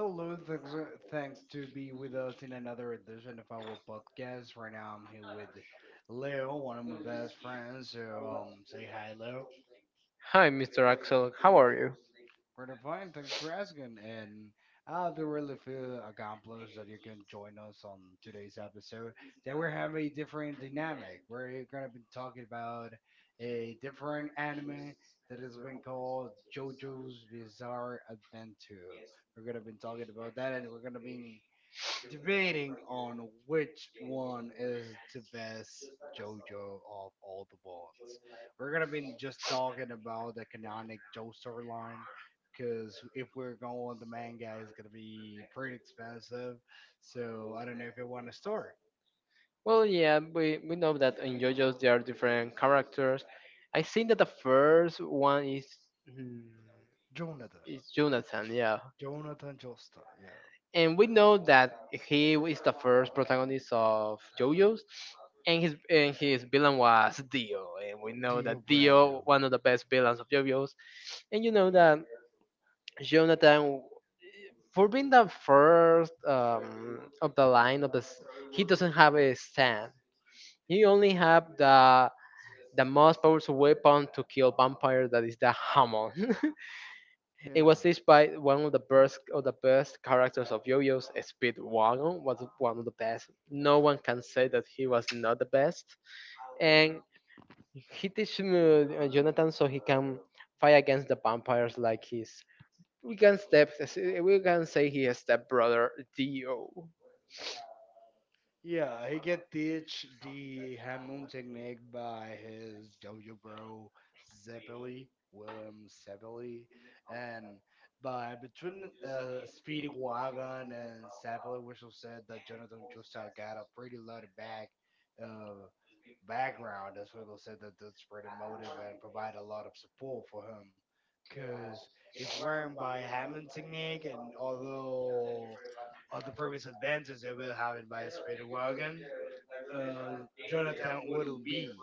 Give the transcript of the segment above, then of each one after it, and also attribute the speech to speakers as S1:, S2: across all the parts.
S1: Hello, thanks, thanks to be with us in another edition of our podcast. Right now, I'm here with Leo, one of my best friends. So, say hi, Leo.
S2: Hi, Mr. Axel. How are you?
S1: Pretty fine, thanks for asking. And I do really feel accomplished that you can join us on today's episode. That we have a different dynamic. We're gonna be talking about a different anime that has been called JoJo's Bizarre Adventure. We're gonna be talking about that, and we're gonna be debating on which one is the best JoJo of all the ones. We're gonna be just talking about the canonic Joe storyline, because if we're going with the manga, it's gonna be pretty expensive. So I don't know if you want to start,
S2: Well, yeah, we know that in JoJo's there are different characters. I think that the first one is mm,
S1: Jonathan.
S2: is Jonathan, yeah,
S1: Jonathan Joestar, yeah.
S2: and we know that he is the first protagonist of JoJo's, and his villain was Dio, and we know
S1: Dio
S2: that
S1: Brando,
S2: Dio one of the best villains of JoJo's, and you know that Jonathan for being the first of the line of the he doesn't have a stand. You only have the most powerful weapon to kill vampires that is the hammer. It was
S1: yeah.
S2: used by one of the best characters of Yo-Yo's. Speedwagon was one of the best. No one can say that he was not the best. And he teaches Jonathan so he can fight against the vampires like his, we can step we can say he is step brother Dio.
S1: Yeah, he get teach the Hammond technique by his JoJo bro Zeppeli, William Zeppeli, and by between Speedy Wagon and Zeppeli, which said that Jonathan Joestar got a pretty loaded bag uh, background, as Wiggle said that that's pretty motive and provide a lot of support for him. Cause if weren't by Hammond technique, and although all the previous advantage they will have it by a speedy wagon, uh, Jonathan wouldn't be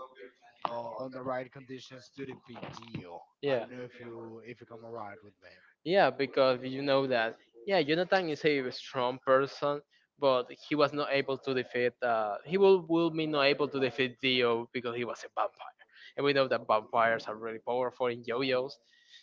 S1: on the right conditions to defeat Dio.
S2: I.
S1: I
S2: Yeah.
S1: don't know if you come around with me.
S2: Yeah, because you know that. Yeah, Jonathan is a strong person, but he was not able to defeat. He will be not able to defeat Dio because he was a vampire, and we know that vampires are really powerful in JoJo's.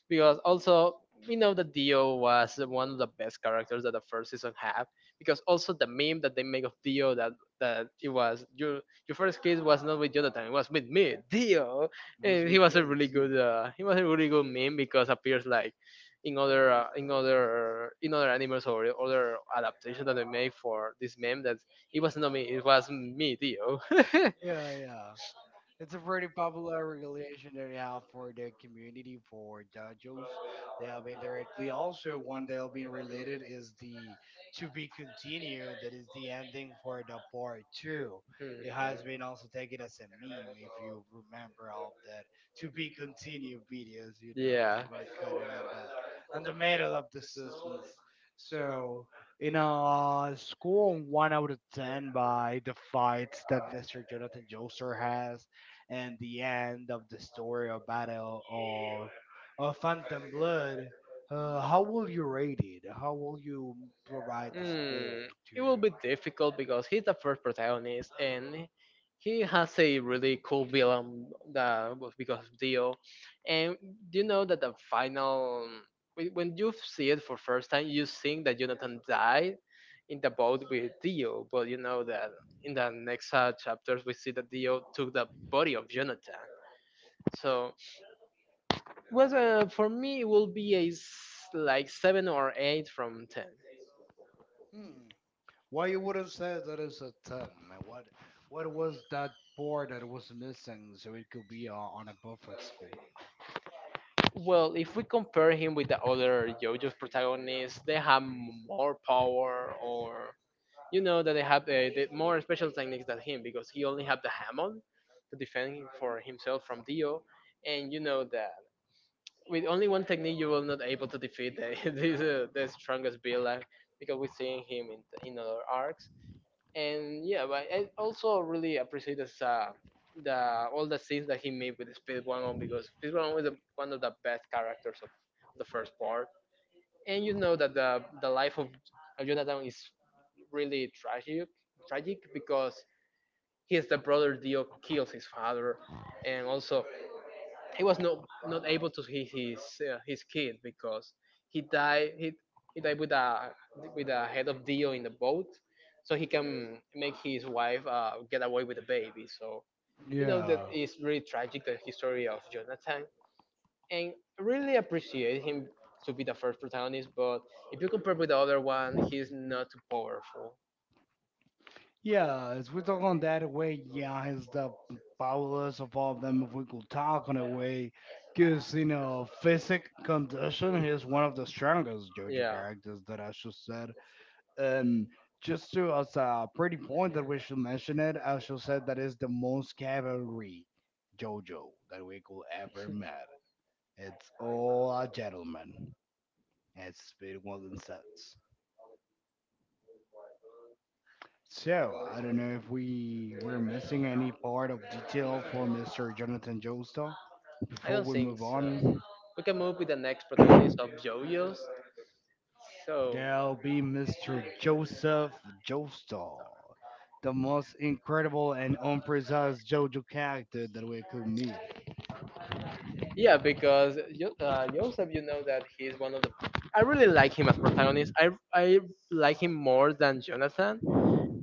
S2: Because also we know that Dio was one of the best characters that the first season had. Because also the meme that they make of Dio that it was your first kiss was not with Jonathan, it was with me, Dio.
S1: Was
S2: Eh, he
S1: with
S2: was a
S1: Bill
S2: really
S1: Dio.
S2: good meme because appears like in other in other animals or other adaptations that they made for this meme that it was not me, it was me, Dio.
S1: Yeah, yeah. It's a pretty popular regulation that they have for the community for dojos. They have been directly also one that have been related is the to be continued. That is the ending for the part two. It has
S2: Mhm.
S1: been also taken as a meme if you remember all of that to be continued videos. You know
S2: Yeah.
S1: they were cut on the middle of the suspense. So in a score one out of ten by the fights that Mr. Jonathan Joestar has and the end of the story or battle of Phantom Blood, how will you rate it? How will you provide the score
S2: Hmm, it will
S1: to?
S2: be difficult because he's the first protagonist and he has a really cool villain that was because of Dio. And you know that the final, when you see it for first time, you think that Jonathan died in the boat with Dio, but you know that in the next chapters we see that Dio took the body of Jonathan. So, was for me it will be a like seven or eight from ten.
S1: Hmm. Why you wouldn't say that is a ten? Man, what was that part that was missing so it could be on a perfect score?
S2: Well, if we compare him with the other JoJo's protagonists, they have more power, or you know that they have the more special techniques than him because he only have the hamon to defend him for himself from Dio, and you know that with only one technique you will not able to defeat the the strongest villain because we see him in other arcs, and yeah, but I also really appreciate this, the all the scenes that he made with Speed Wagon because Speed Wagon is the one of the best characters of the first part, and you know that the life of Jonathan is really tragic, tragic because he is the brother Dio kills his father, and also he was not able to see his kid because he died he, he died with a head of Dio in the boat, so he can make his wife get away with the baby. So you know that
S1: Yeah.
S2: is really tragic the history of Jonathan, and I really appreciate him to be the first protagonist. But if you compare with the other one, he's not too powerful.
S1: Yeah, as we talk on that way, yeah, he's the powerless of all of them if we could talk on a way. Because, you know, physic condition, he's one of the strongest JoJo
S2: Yeah,
S1: characters that I just said. And just to as a pretty point that we should mention it, I should said that is the most cavalry JoJo that we could ever met. It's all a gentleman, as Speed Walden says. So I don't know if we're missing any part of detail for Mr. Jonathan Joestar.
S2: I
S1: Before
S2: don't
S1: we
S2: think
S1: move
S2: so.
S1: on,
S2: We can move with the next protagonist of JoJo's. So,
S1: there'll be Mr. Joseph Joestar, the most incredible and unprecise JoJo character that we could meet.
S2: yeah, because Joseph, you know that he's one of the. I really like him as protagonist. I like him more than Jonathan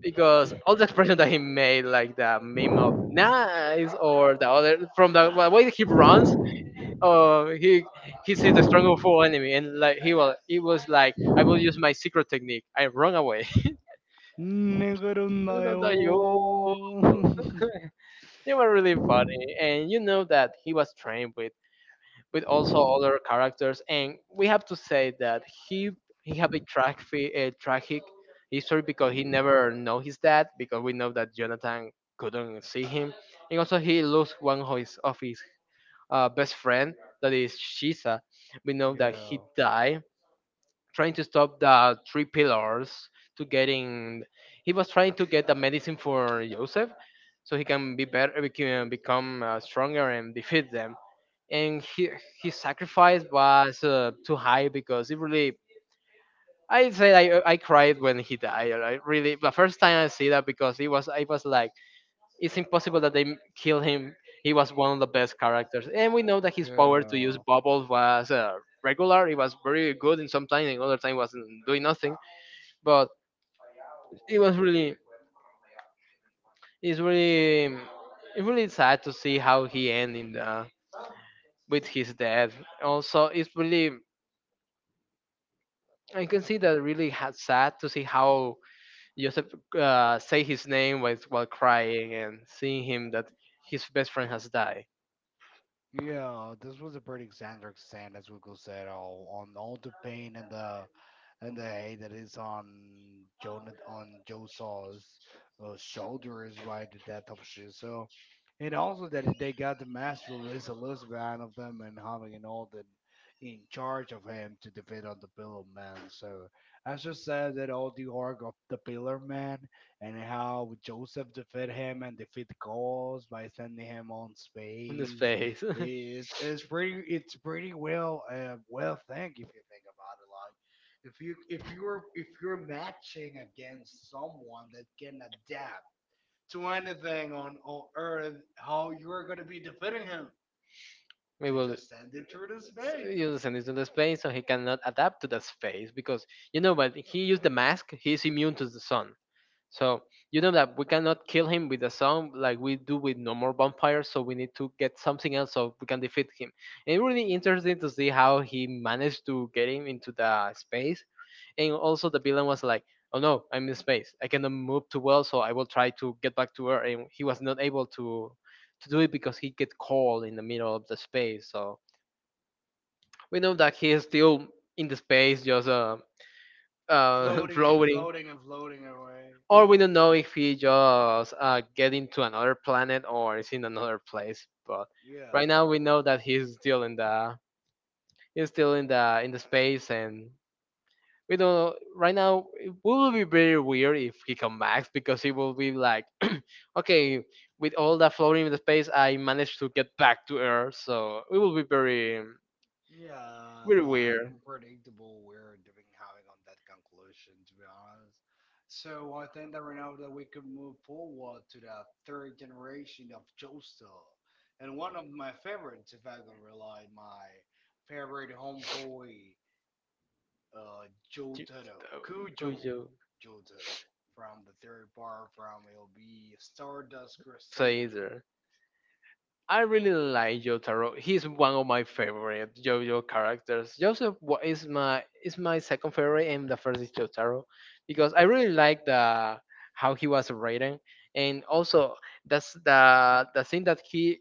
S2: because all the expression that he made, like the meme of "nice" or the other from the way that he runs, uh, he he sees a strong and full enemy and like he was like, I will use my secret technique. I run away.
S1: Nigga, do
S2: I don't know you. They were really funny, and you know that he was trained with also other characters, and we have to say that he he have a tragic history because he never know his dad because we know that Jonathan couldn't see him, and also he lost one of his best friend that is Shisa. We know that he
S1: yeah.
S2: died trying to stop the three pillars to getting he was trying to get the medicine for joseph so he can become stronger and defeat them, and he, his sacrifice was too high because it really I cried when he died. I really the first time I see that because it was I was like it's impossible that they kill him. He was one of the best characters, and we know that his power to use
S1: Yeah.
S2: bubbles was regular. It was very good in some time, and other time wasn't doing nothing. But it was it's really, really sad to see how he ended with his death. Also, it's really. I can see that really had sad to see how Joseph say his name while crying and seeing him that his best friend has died
S1: Yeah, this was a pretty Xander stand, as Google said, all on all the pain and the head that is on Jonah on Josaw's shoulders by the death of Shiso. And also that they got the master list Elizabeth of them and having an Alden in charge of him to defeat on the Pillar Man. So I just said that all the arc of the Pillar Man and how Joseph defeat him and defeat Gauls by sending him on
S2: in his
S1: space
S2: face.
S1: is pretty it's pretty well well think if you think about it like, if you're matching against someone that can adapt to anything on earth how you're going to be defeating him
S2: It
S1: to
S2: will.
S1: just send it through the space
S2: Using is in the space, so he cannot adapt to that space because you know when he used the mask, he is immune to the sun. So you know that we cannot kill him with the sun like we do with normal vampires. So we need to get something else so we can defeat him. And really interesting to see how he managed to get him into the space. And also the villain was like, "Oh no, I'm in space. I cannot move too well, so I will try to get back to Earth." And he was not able to do it because he get cold in the middle of the space. So we know that he is still in the space, just
S1: floating and
S2: floating,
S1: floating and floating away
S2: or we don't know if he just get into another planet or is in another place. But
S1: yeah.
S2: right now we know that he's still in the in the space, and we don't. Right now it will be very weird if he comes back because he will be like, okay, with all that floating in the space, I managed to get back to Earth, so it will be
S1: Yeah,
S2: very
S1: like
S2: weird.
S1: unpredictable we're doing having on that conclusion to be honest. So I think that right now that we can move forward to the third generation of Joestar. And one of my favorites, if I can rely my favorite homeboy, Jotaro, Kujo
S2: Jojo.
S1: Jotaro from the third part from LB Stardust Crusader.
S2: Caesar. I really like Jotaro. He's one of my favorite JoJo characters. Joseph wa- is my second favorite, and the first is Jotaro because I really like the how he was written, and also that's the thing that he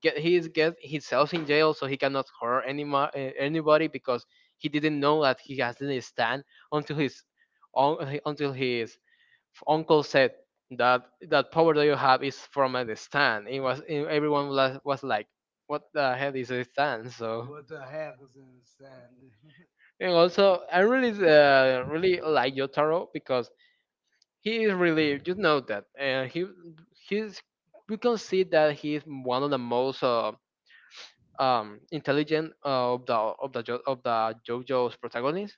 S2: get he is get himself in jail, so he cannot hurt anybody because he didn't know that he has not stand until his until his uncle said that that power that you have is from a stand. It was it, was like, what the hell is a stand? So,
S1: What the heck is in sand?
S2: and also I really really like Yotaro because he is really you know that and he he's we can see that he's one of the most intelligent of the JoJo's protagonists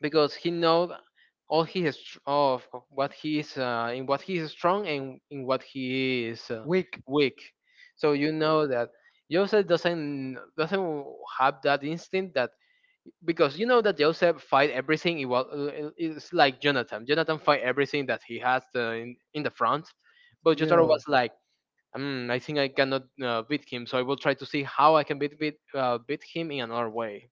S2: because he knows all he is tr- of what he is in what he is strong and in what he is
S1: Weak.
S2: weak. So you know that Joseph doesn't have that instinct that, because you know that Joseph fight everything. It was it's like Jonathan. Jonathan fight everything that he has in the front, but Jotaro
S1: Yeah.
S2: was like. Mm, I think I cannot beat him, so I will try to see how I can beat him in another way.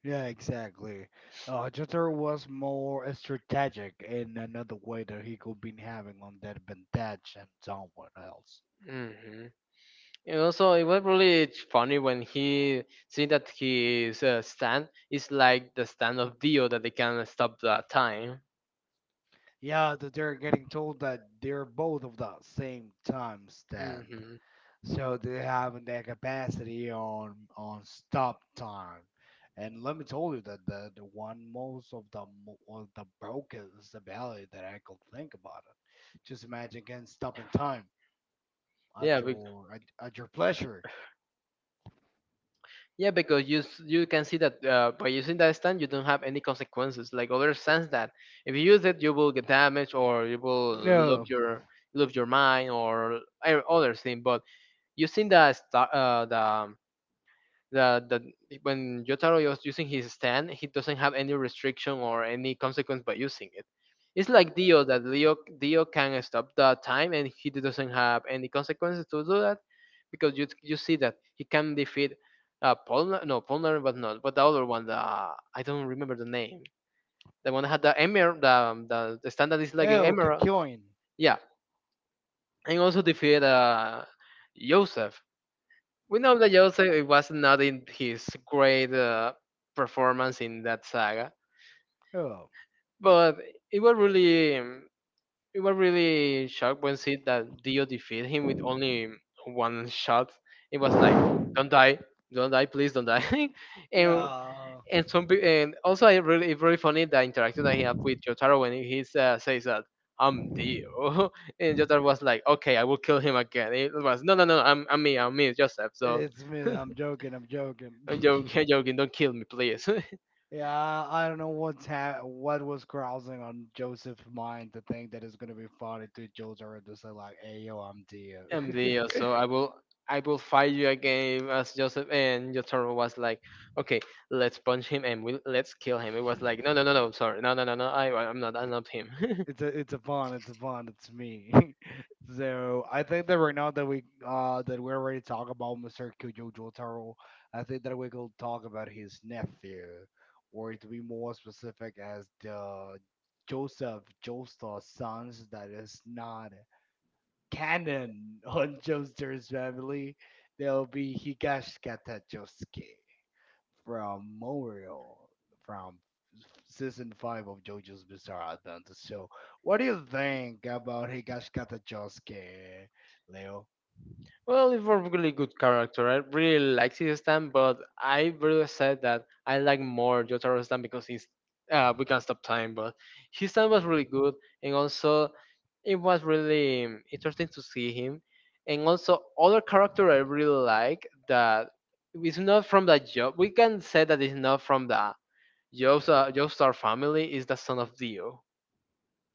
S1: Yeah, exactly. Jeter was more strategic in another way that he could been having on that advantage and someone else.
S2: Hmm. You know, so it was really funny when he see that his stand is like the stand of Dio that they can stop the time.
S1: Yeah, that they're getting told that they're both of the same time stand,
S2: Hmm.
S1: so they have their capacity on stop time. And let me tell you that the one most of the broken ability that I could think about it. Just imagine again stopping time at
S2: Yeah, bec-
S1: your at your pleasure.
S2: yeah, because you you can see that by using that stand you don't have any consequences. Like other stands that if you use it you will get damaged or you will. Yeah.
S1: No.
S2: Lose your lose your mind or other thing. But using the star, the that that when Yotaro is using his stand, he doesn't have any restriction or any consequence by using it. It's like Dio that Leo Dio can stop the time and he doesn't have any consequences to do that because you see that he can defeat uh, Polnar but not, but the other one, the, I don't remember the name, the one that had the emerald, the stand that is like an
S1: Oh,
S2: Emerald.
S1: Kakyoin.
S2: Yeah, and also defeat Joseph. We know that Joseph, it was not in his great performance in that saga,
S1: Oh.
S2: but it was really it was really shocked when see that Dio defeat him with only one shot. It was like, don't die, don't die, please don't die, and
S1: Yeah.
S2: and and also I really it's really funny the interaction that he had with Jotaro when he says that I'm Dio, and Jotaro was like, okay, I will kill him again. It was no, no, no, I'm me, I'm me, Joseph. So.
S1: It's me. I'm joking. I'm joking.
S2: I'm joking, I'm joking. Don't kill me, please.
S1: Yeah, I don't know what was crossing on Joseph's mind to think that it's gonna be funny to Joseph and just say like, "Hey, yo, I'm Dio."
S2: And so I will fight you again as Joseph. And Jotaro was like, okay, let's punch him and we let's kill him. It was like, no, no, no, no, sorry, no, no, no, no. I'm not him.
S1: It's a fun It's me. So I think that right now that we already talk about Mr. Kyujo Jotaro, I think that we could talk about his nephew, or to be more specific, as the Joseph Joestar sons that is not canon on Joestar's family. They'll be Higashikata Josuke from Morio, from season 5 of JoJo's Bizarre Adventure. So, what do you think about Higashikata Josuke, Leo?
S2: Well, it's a really good character. I really like Caesar Stan, but I really said that I like more Jotaro Stan because he's we can stop time. But his time was really good, and also it was really interesting to see him. And also other character I really like that is not from the job. We can say that it's not from the Joestar family. Is the son of Dio,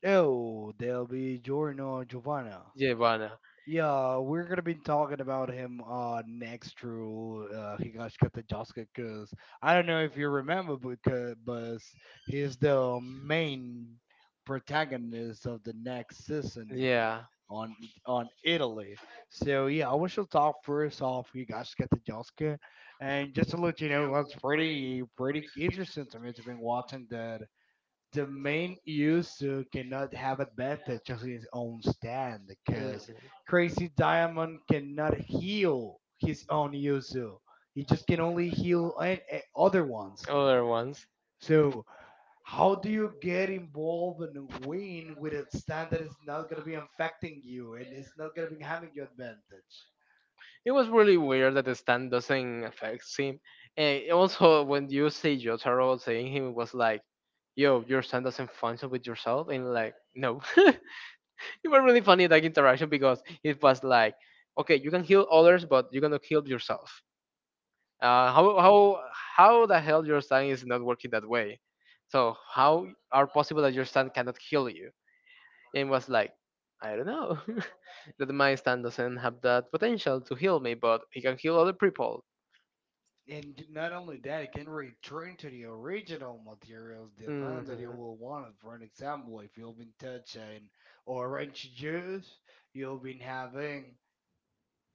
S1: Oh, there'll be Giorno Giovanna.
S2: Giovanna.
S1: Yeah, we're gonna be talking about him next through Higashikata Josuke because I don't know if you remember because but he's the main protagonist of the next season
S2: Yeah.
S1: on on Italy. So yeah, I wish to talk first off. You guys get to Jessica, and just to let you know, it's pretty pretty interesting to me to been watching that the main Yusu cannot have advantage of his own stand because
S2: Mm.
S1: Crazy Diamond cannot heal his own Yuzu. He just can only heal other ones.
S2: Other ones.
S1: So how do you get involved and win with a stand that is not going to be affecting you and it's not going to be having your advantage?
S2: It was really weird that the stand doesn't affect him. And also, when you see Jotaro saying him, it was like, yo, your stand doesn't function with yourself. And like, no. It was really funny, that interaction, because it was like, okay, you can heal others, but you cannot heal yourself. Uh, how, how, how the hell your stand is not working that way? So how are possible that your stand cannot heal you? And it was like, I don't know. That my stand doesn't have that potential to heal me, but he can heal other people.
S1: And not only that, it can return to the original materials, the things that you
S2: Mhm.
S1: will want. For an example, if you've been touching orange juice, you've been having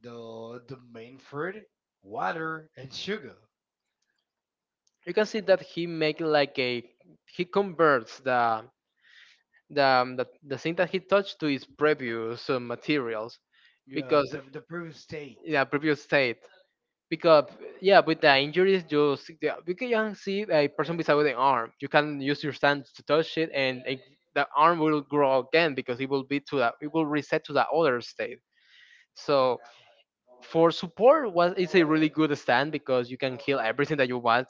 S1: the main fruit, water, and sugar.
S2: You can see that he make like a he converts the um, the, the thing that he touched to his previous materials,
S1: Yeah,
S2: because
S1: the previous state.
S2: yeah, previous state, because yeah, with the injuries you see, yeah, you can see a person beside the arm, you can use your hand to touch it and it, the arm will grow again because it will be to that it will reset to the other state. So for support was it's a really good stand because you can kill everything that you want.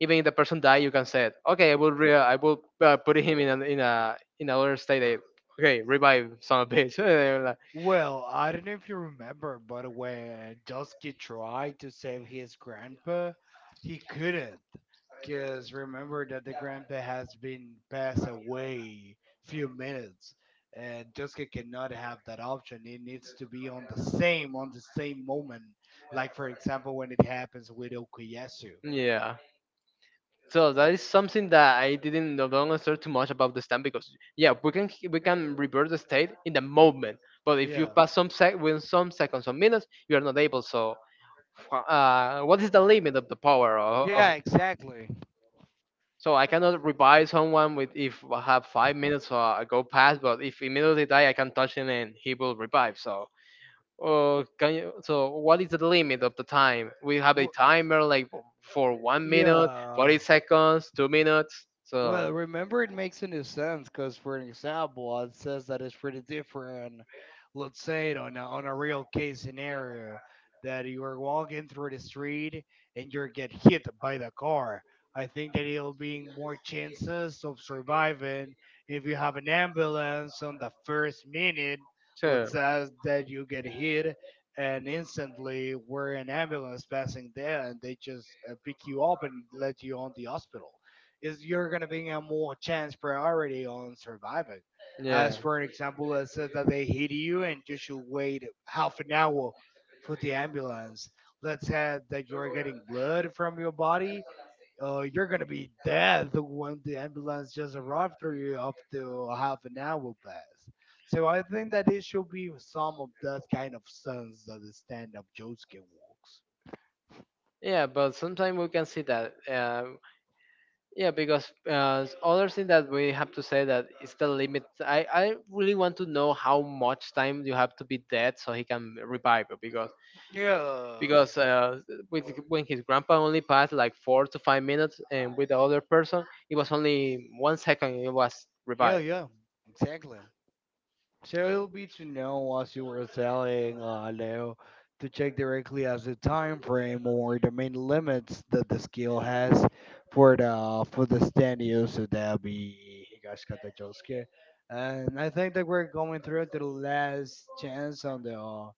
S2: Even if the person die, you can say, it, "Okay, I will re- I will put him in an, in a in another state. That- okay, revive son of a bitch." And like,
S1: Well, I don't know if you remember, but when Dusky tried to save his grandpa, he couldn't. Because remember that the grandpa has been passed away few minutes, and Dusky cannot have that option. It needs to be on the same moment, like for example when it happens with Okuyasu.
S2: yeah. So that is something that I didn't no longer understand too much about the stand, because yeah, we can revert the state in the moment, but if you
S1: Yeah,
S2: pass some sec within some seconds some minutes, you are not able. So, what is the limit of the power of
S1: yeah, exactly.
S2: So I cannot revive someone with if I have 5 minutes go past, but if immediately die, I can touch him and he will revive. So, can you? So, what is the limit of the time? We have a timer like for 1 minute,
S1: Yeah.
S2: 40 seconds, 2 minutes.
S1: Well,
S2: So,
S1: remember, it makes any sense because, for an example, it says that it's pretty different. Let's say it on on a real case scenario that you are walking through the street and you get hit by the car. I think that it'll be more chances of surviving if you have an ambulance on the first minute.
S2: sure,
S1: Let's say
S2: yeah,
S1: that you get hit and instantly we're an ambulance passing there and they just pick you up and let you on the hospital is you're going to be a more chance priority on surviving as for an example it says that they hit you and you should wait half an hour for the ambulance let's say that you're getting blood from your body oh, you're gonna be dead when the ambulance just arrived for you up to half an hour past. So I think that it should be some of that kind of sense that the stand-up jokes can works.
S2: yeah. But sometimes we can see that. Yeah, because other thing that we have to say that is the limit. I really want to know how much time you have to be dead so he can revive you
S1: Yeah.
S2: because with when his grandpa only passed like 4 to 5 minutes, and with the other person it was only 1 second it was
S1: Yeah,
S2: revived.
S1: yeah, exactly. So it would be to know as you were selling low to check directly as the time frame or the main limits that the skill has for the stand use. So that'll be Higashikata. And I think that we're going through to the last chance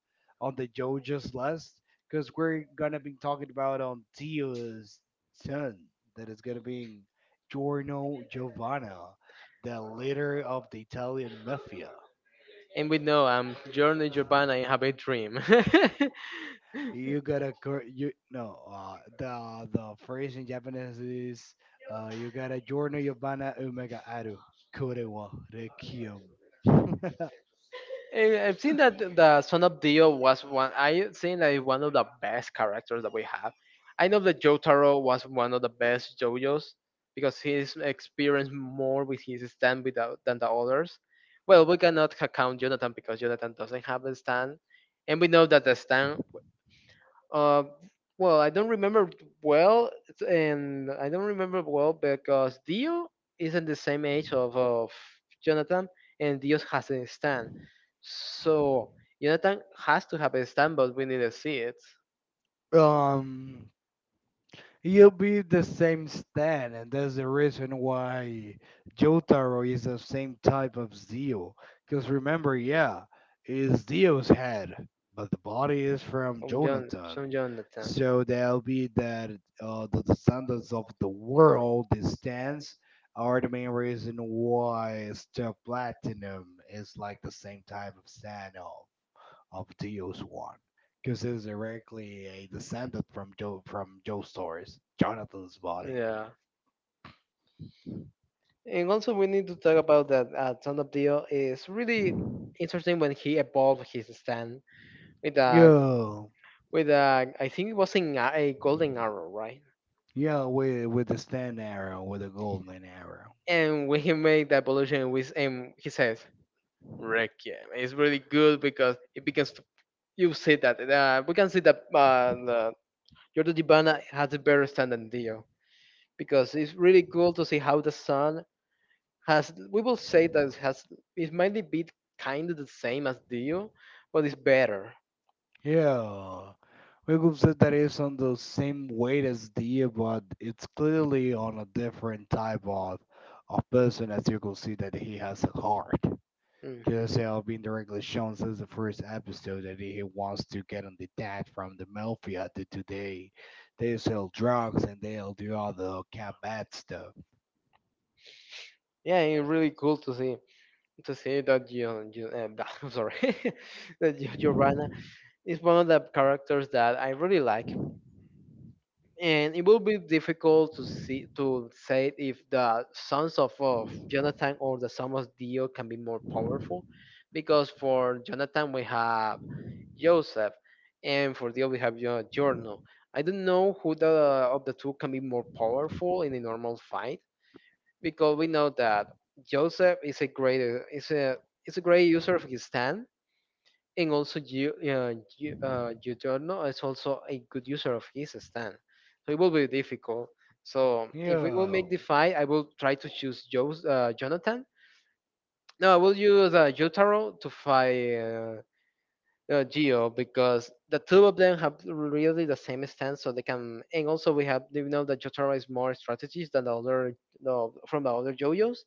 S1: on the JoJo's list because we're gonna be talking about on Tio's son that is gonna be Giorno Giovanna, the leader of the Italian mafia.
S2: And we know journey Giovanna and have a dream.
S1: You gotta you no the phrase in Japanese is you gotta journey your bana umega aru kore wa rekiom.
S2: Eh, I've seen that the Son of Dio was one. I think that is one of the best characters that we have. I know that Jotaro was one of the best JoJo's because he's experienced more with his stand without than the others. Well, we cannot count Jonathan because Jonathan doesn't have a stand, and we know that the stand uh, well, I don't remember well, it's- and I don't remember well, because Dio isn't the same age of Jonathan, and Dio has a stand. So Jonathan has to have a stand, but we need to see it
S1: um, you'll be the same stand, and that's the reason why Jotaro is the same type of Zio. Because remember, yeah, is Zio's head, but the body is from
S2: from John,
S1: Jonathan.
S2: from Jonathan.
S1: So that'll be that the descendants of the world stands are the main reason why the platinum is like the same type of sand of Dio's one, because it's directly a descendant from Joe Stars, Jonathan's body.
S2: Yeah, and also we need to talk about that. Son of Dio is really interesting when he evolved his stand with a
S1: Yeah,
S2: with a I think it was in a golden arrow, right?
S1: yeah, with the stand arrow, with the golden arrow.
S2: And when he made that evolution with he says Requiem. It's really good because it begins to you see that we can see that the Giorgio Di Bana has a better stand than Dio, because it's really cool to see how the sun has. We will say that it has it might be kind of the same as Dio, but it's better.
S1: Yeah, Wiggum said that it's on the same weight as deer, but it's clearly on a different type of person, as you can see that he has a heart.
S2: Mm.
S1: Giselle being directly shown since the first episode that he wants to get on detached from the mafia to today. They sell drugs and they'll do all the cat bad stuff.
S2: Yeah, it's really cool to see that you, I'm sorry that Giorgio, it's one of the characters that I really like, and it will be difficult to see to say if the sons of Jonathan or the sons of Dio can be more powerful, because for Jonathan we have Joseph, and for Dio we have Giorno. I don't know who the of the two can be more powerful in a normal fight, because we know that Joseph is a is a great user of his stand, and also, Giugiorno is also a good user of his stand. So it will be difficult. So if yeah, we will
S1: Yeah.
S2: make the fight, I will try to choose Jonathan. No, I will use Jotaro to fight Geo, because the two of them have really the same stance, so they can. And also, we have we know that Jotaro is more strategies than the other from the other JoJo's.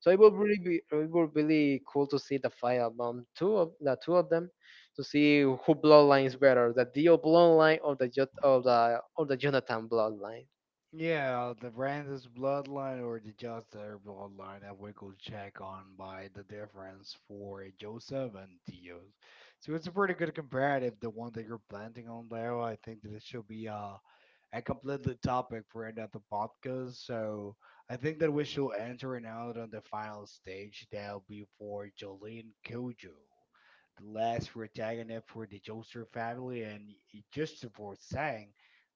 S2: So it would really be it would really cool to see the fight among two of the two of them to see who bloodline is better, the Dio bloodline or the Jonathan bloodline.
S1: Yeah, the Rand's bloodline or the Just bloodline, I we go check on by the difference for Joseph and Dio's. So it's a pretty good comparative, the one that you're planting on there. I think that it should be a completely topic for another podcast. So I think that we should enter it out on the final stage. That'll be for Jolene Kojo, the last protagonist for the Joestar family, and just for saying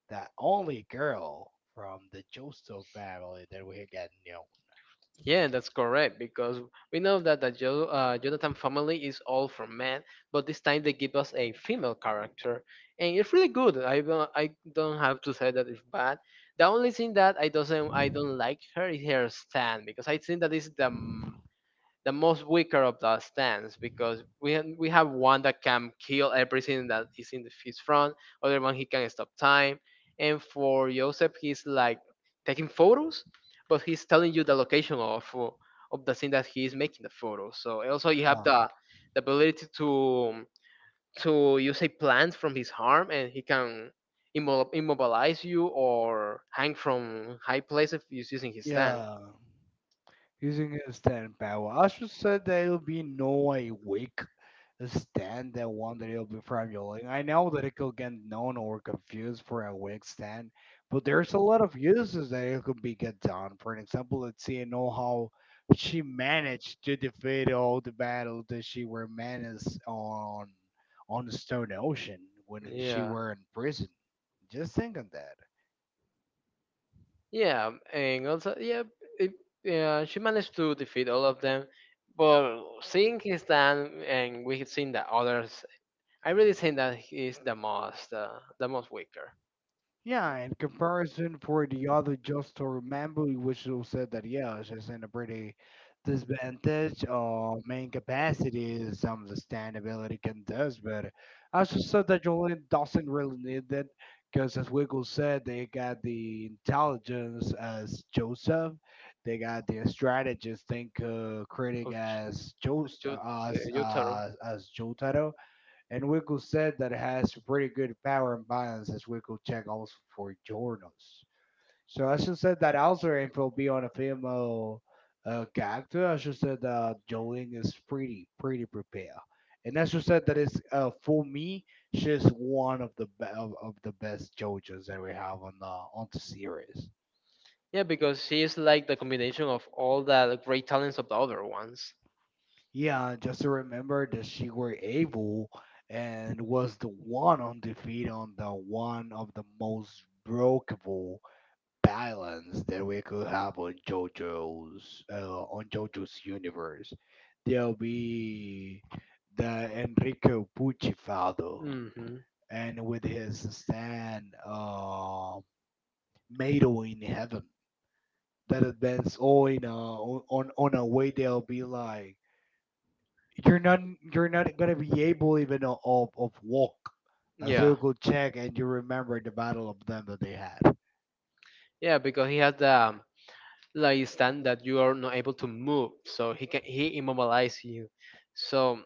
S1: that only girl from the Joestar family that we had gotten known.
S2: Yeah, that's correct because we know that the Jonathan family is all from men, but this time they give us a female character, and it's really good. I don't have to say that it's bad. The only thing that I don't like her is her stand, because I think that is the most weaker of the stands, because we have one that can kill everything that is in the, his front. Other one he can stop time, and for Joseph he's like taking photos, but he's telling you the location of the thing that he is making the photos. So also you have
S1: Um,
S2: the ability to use a plant from his arm and he can immobilize you or hang from high places using his stand.
S1: yeah. Using a stand power, I should say there will be no a weak stand that one that will be formulating. I know that it could get known or confused for a weak stand, but there's a lot of uses that it could be get done. For an example, let's see, you know how she managed to defeat all the battles that she were menaced on the Stone Ocean when she
S2: Yeah.
S1: were in prison. Just think on that.
S2: Yeah, and also yeah, it, yeah, she managed to defeat all of them. But seeing his stand, and we have seen the others, I really think that he's the most weaker.
S1: Yeah, in comparison for the other just to remember, which you said that yeah, it's just in a pretty disadvantage or main capacity is some of the standability can does, but I also said that Jolene doesn't really need that because as Wiggle said, they got the intelligence as Joseph, they got the strategist think critic
S2: Of
S1: as Jost
S2: Jotaro.
S1: as Jotaro. And Winkle said that it has pretty good power and balance as Winkle checked also for journals. So I should say that also if will be on a female character, I should say that Jolene is pretty prepared. And I should say that is for me, she's one of the best JoJo's that we have on the series.
S2: Yeah, because he is like the combination of all the great talents of the other ones.
S1: Yeah, and just to remember that she were able and was the one on defeat on the one of the most breakable balance that we could have on JoJo's universe. There'll be the Enrico Bucifado
S2: Hmm.
S1: and with his stand Mado in heaven, that advance all in on a way they'll be like you're not you're not gonna be able even of walk a
S2: Yeah,
S1: circle check, and you remember the battle of them that they had.
S2: yeah, because he has the like stand that you are not able to move so he immobilize you. So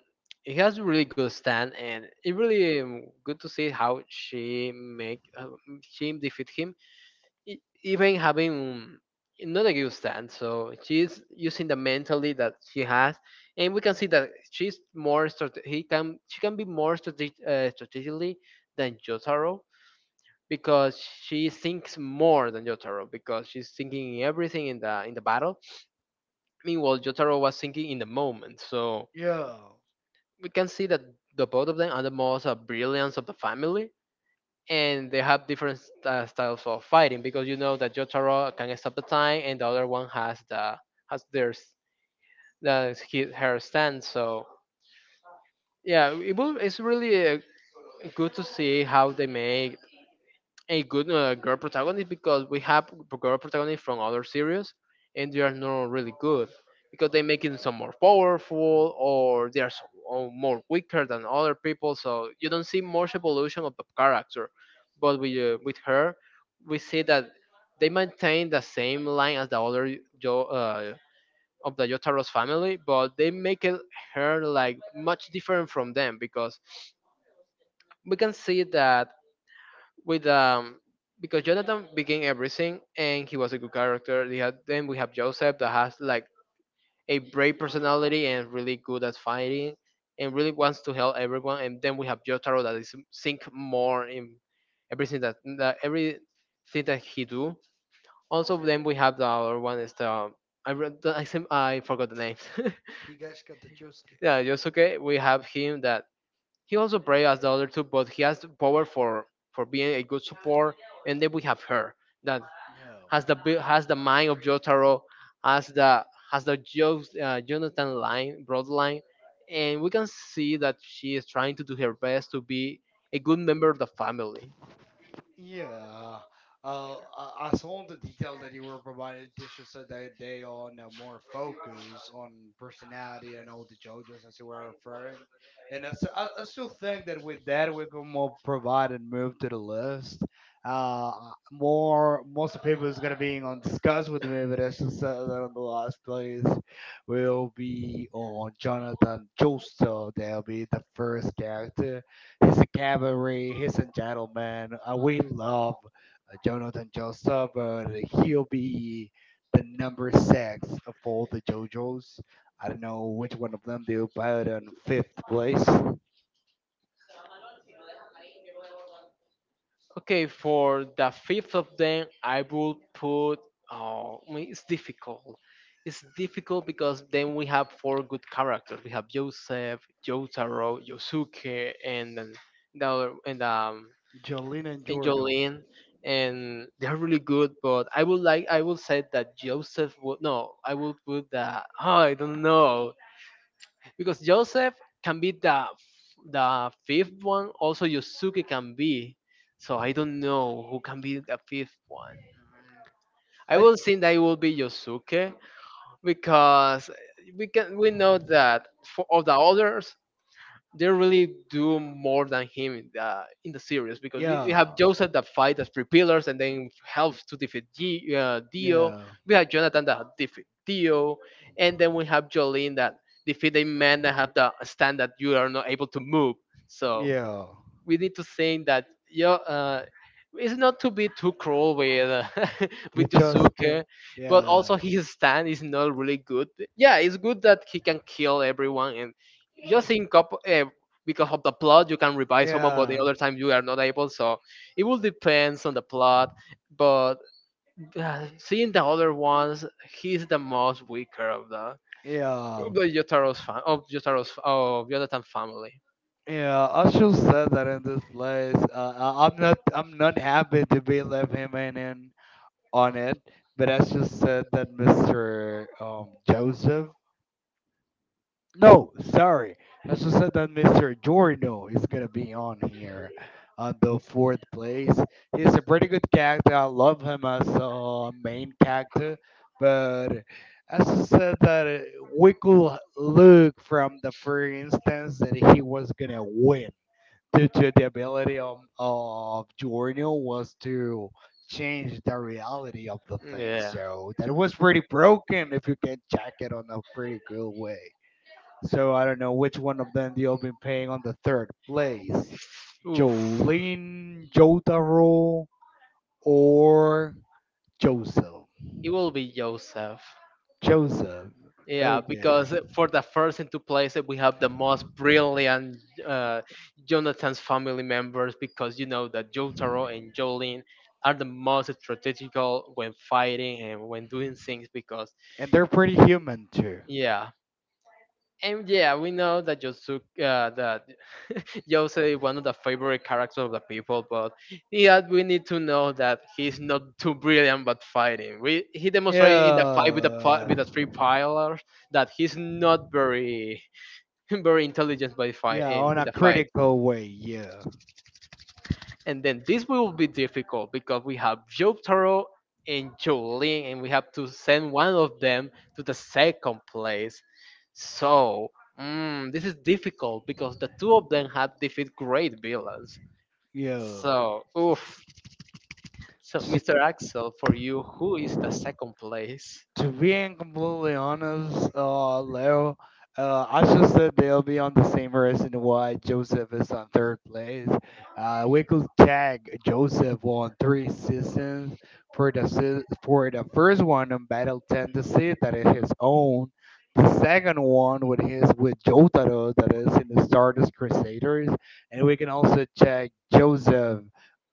S2: he has a really good stand, and it really good to see how she defeat him even having not a good stand, so she's using the mentality that she has, and we can see that she's more strate- he can she can be more strategically than Jotaro, because she thinks more than Jotaro because she's thinking everything in the battle. Meanwhile, Jotaro was thinking in the moment, so
S1: Yeah.
S2: we can see that the both of them are the most brilliant of the family, and they have different styles of fighting, because you know that Jotaro can stop the time, and the other one has the has their her stand. So yeah, it's really good to see how they make a good girl protagonist, because we have girl protagonists from other series and they are not really good because they make it some more powerful or they are so, or more weaker than other people so you don't see much evolution of the character. But with her we see that they maintain the same line as the other of the Yotaro's family, but they make it her like much different from them. Because we can see that with because Jonathan became everything and he was a good character. They had, then we have Joseph that has like a brave personality and really good at fighting and really wants to help everyone. And then we have Jotaro that is think more in everything that everything that he do. Also, then we have the other one is the I re- the- I, sem- I forgot the names.
S1: Higash Katajewski.
S2: Yeah, Yosuke. We have him that he also plays as the other two, but he has the power for being a good support. And then we have her that
S1: No.
S2: has the mind of Jotaro, has the has the Jonathan line broad line, and we can see that she is trying to do her best to be a good member of the family.
S1: Yeah. I saw in the detail that you were provided, Tisha said that they on more focus on personality and all the JoJo's as you were referring. And I still think that with that, we can more provide and move to the list. More Most of the people is going to be on discuss with me, but as just said that on the last place will be on Jonathan Joestar. That'll be the first character. He's a cavalry. He's a gentleman. We love Jonathan Joestar, but he'll be the number six of all the JoJos. I don't know which one of them they'll put in fifth place.
S2: Okay, for the fifth of them, I will put. Oh, I mean, it's difficult. It's difficult because then we have four good characters. We have Joseph, Jotaro, Yosuke, and then the other,
S1: Jolene and
S2: and
S1: Jorno.
S2: Jolene, and they're really good. But I would like, I will say that Joseph would no. I will put that. Oh, I don't know because Joseph can be the fifth one. Also, Yusuke can be. So I don't know who can be the fifth one. I
S1: I,
S2: will think that it will be Yosuke because we know that for all the others they really do more than him in the series because we have
S1: yeah,
S2: Joseph that fight as three pillars and then helps to defeat Dio.
S1: yeah,
S2: We have Jonathan that defeat Dio, and then we have Jolene that defeat a man that have the stand that you are not able to move. So
S1: yeah.
S2: we need to think that you it's not to be too cruel with
S1: With
S2: with
S1: Josuke.
S2: Yosuke, but
S1: Yeah,
S2: also his stand is not really good. Yeah, it's good that he can kill everyone and just in couple because of the plot you can revive someone, but the
S1: yeah,
S2: other time you are not able. So it will depends on the plot. But seeing the other ones, he's the most weaker
S1: yeah.
S2: of the Yotaro's fa- of Yotaro's of Yonatan family.
S1: Yeah, Usher said that in this place. I'm not happy to be left him in on it, but Usher said that Mr. Joseph. No, sorry. Usher said that Mr. Giordano is gonna be on here on the fourth place. He's a pretty good character. I love him as a main character, but Usher said that we could look from the first instance that he was gonna win to the ability of Giorno was to change the reality of the thing.
S2: Yeah.
S1: So that was pretty broken if you can check it on a pretty good way. So I don't know which one of them you've been paying on the third place.
S2: Oof.
S1: Jolene, Jotaro, or Joseph.
S2: It will be Joseph.
S1: Joseph.
S2: Yeah,
S1: Okay.
S2: because for the first and two places we have the most brilliant uh, Jonathan's family members because you know that Jotaro and Jolene are the most strategical when fighting and when doing things because
S1: And they're pretty human too.
S2: yeah. And yeah, we know that Yosuke, that Yosei is one of the favorite characters of the people, but yeah, we need to know that he's not too brilliant but fighting. We he demonstrated in the fight with the
S1: Yeah.
S2: with the three pillars that he's not very very intelligent by fight
S1: Yeah, on
S2: in
S1: a
S2: the fight.
S1: critical way, yeah.
S2: And then this will be difficult because we have Jotaro and Jolene, and we have to send one of them to the second place. So, mm, this is difficult because the two of them had defeat great villains.
S1: Yeah.
S2: So, oof. So,
S1: So,
S2: Mr. Axel, for you, who is the second place?
S1: to being completely honest, Leo, I should say they'll be on the same reason why Joseph is on third place. We could tag Joseph on three seasons for the first one on Battle Tendency that is his own. The second one with his with Jotaro that is in the Stardust Crusaders, and we can also check Joseph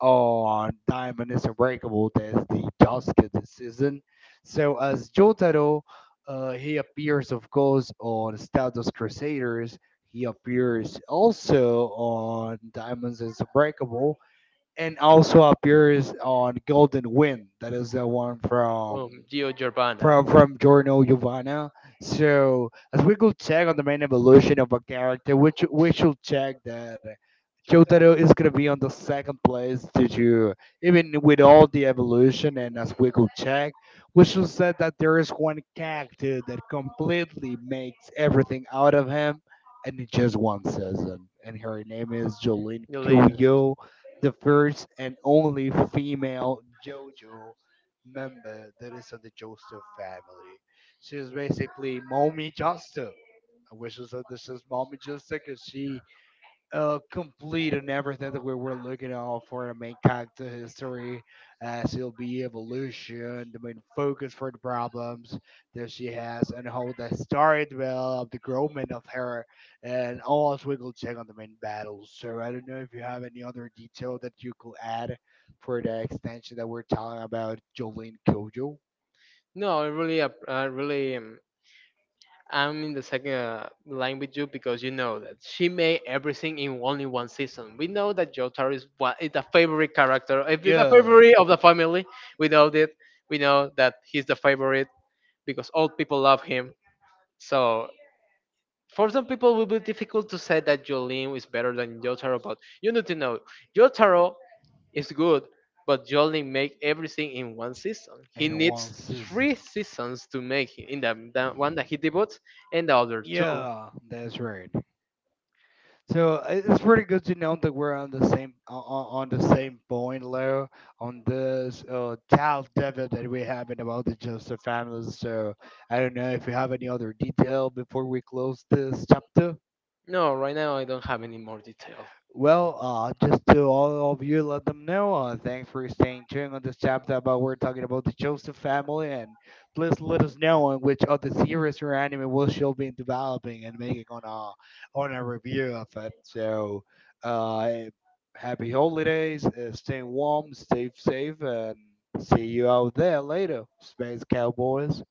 S1: on Diamond is Unbreakable that is the Josuke this season so as Jotaro, he appears, of course, on Stardust Crusaders. He appears also on Diamonds is Unbreakable, and also appears on Golden Wind. That is the one from
S2: Giovanna,
S1: from Giorno Giovanna. So as we go check on the main evolution of a character, which we should check that Jotaro is gonna be on the second place due to even with all the evolution and as we go check, we should said that there is one character that completely makes everything out of him and in just one season. And her name is Jolene
S2: Jolene.
S1: Kuyo, the first and only female JoJo member that is of the Joseph family. She's basically Mommy Joseph, which is this is Mommy Joseph because she complete and everything that we were looking out for the main character history, as it'll be evolution, the main focus for the problems that she has, and how the story developed, the growth of her, and also we also will check on the main battles. So I don't know if you have any other detail that you could add for the extension that we're talking about, Jolene Kojo.
S2: No, I really, I really I'm in the second line with you because you know that she made everything in only one season. We know that Jotaro is one, is the favorite character, if it's the
S1: Yeah,
S2: favorite of the family. We know that he's the favorite because all people love him. So for some people, it will be difficult to say that Jolene is better than Jotaro, but you need to know Jotaro is good, but Jolene make everything in one season. He
S1: in one
S2: needs three
S1: season.
S2: seasons to make it in the one that he devotes and the other two.
S1: Yeah, that's right. So it's pretty good to know that we're on the same on the same point, Leo, on this child debate that we have in about the Joseph family. So I don't know if you have any other detail before we close this chapter.
S2: No, right now I don't have any more details.
S1: Well, just to all of you, let them know. Thanks for staying tuned on this chapter about we're talking about the Joseph family, and please let us know on which other series or anime will she'll be developing and making on a review of it. So, uh, happy holidays, stay warm, stay safe, and see you out there later, space cowboys.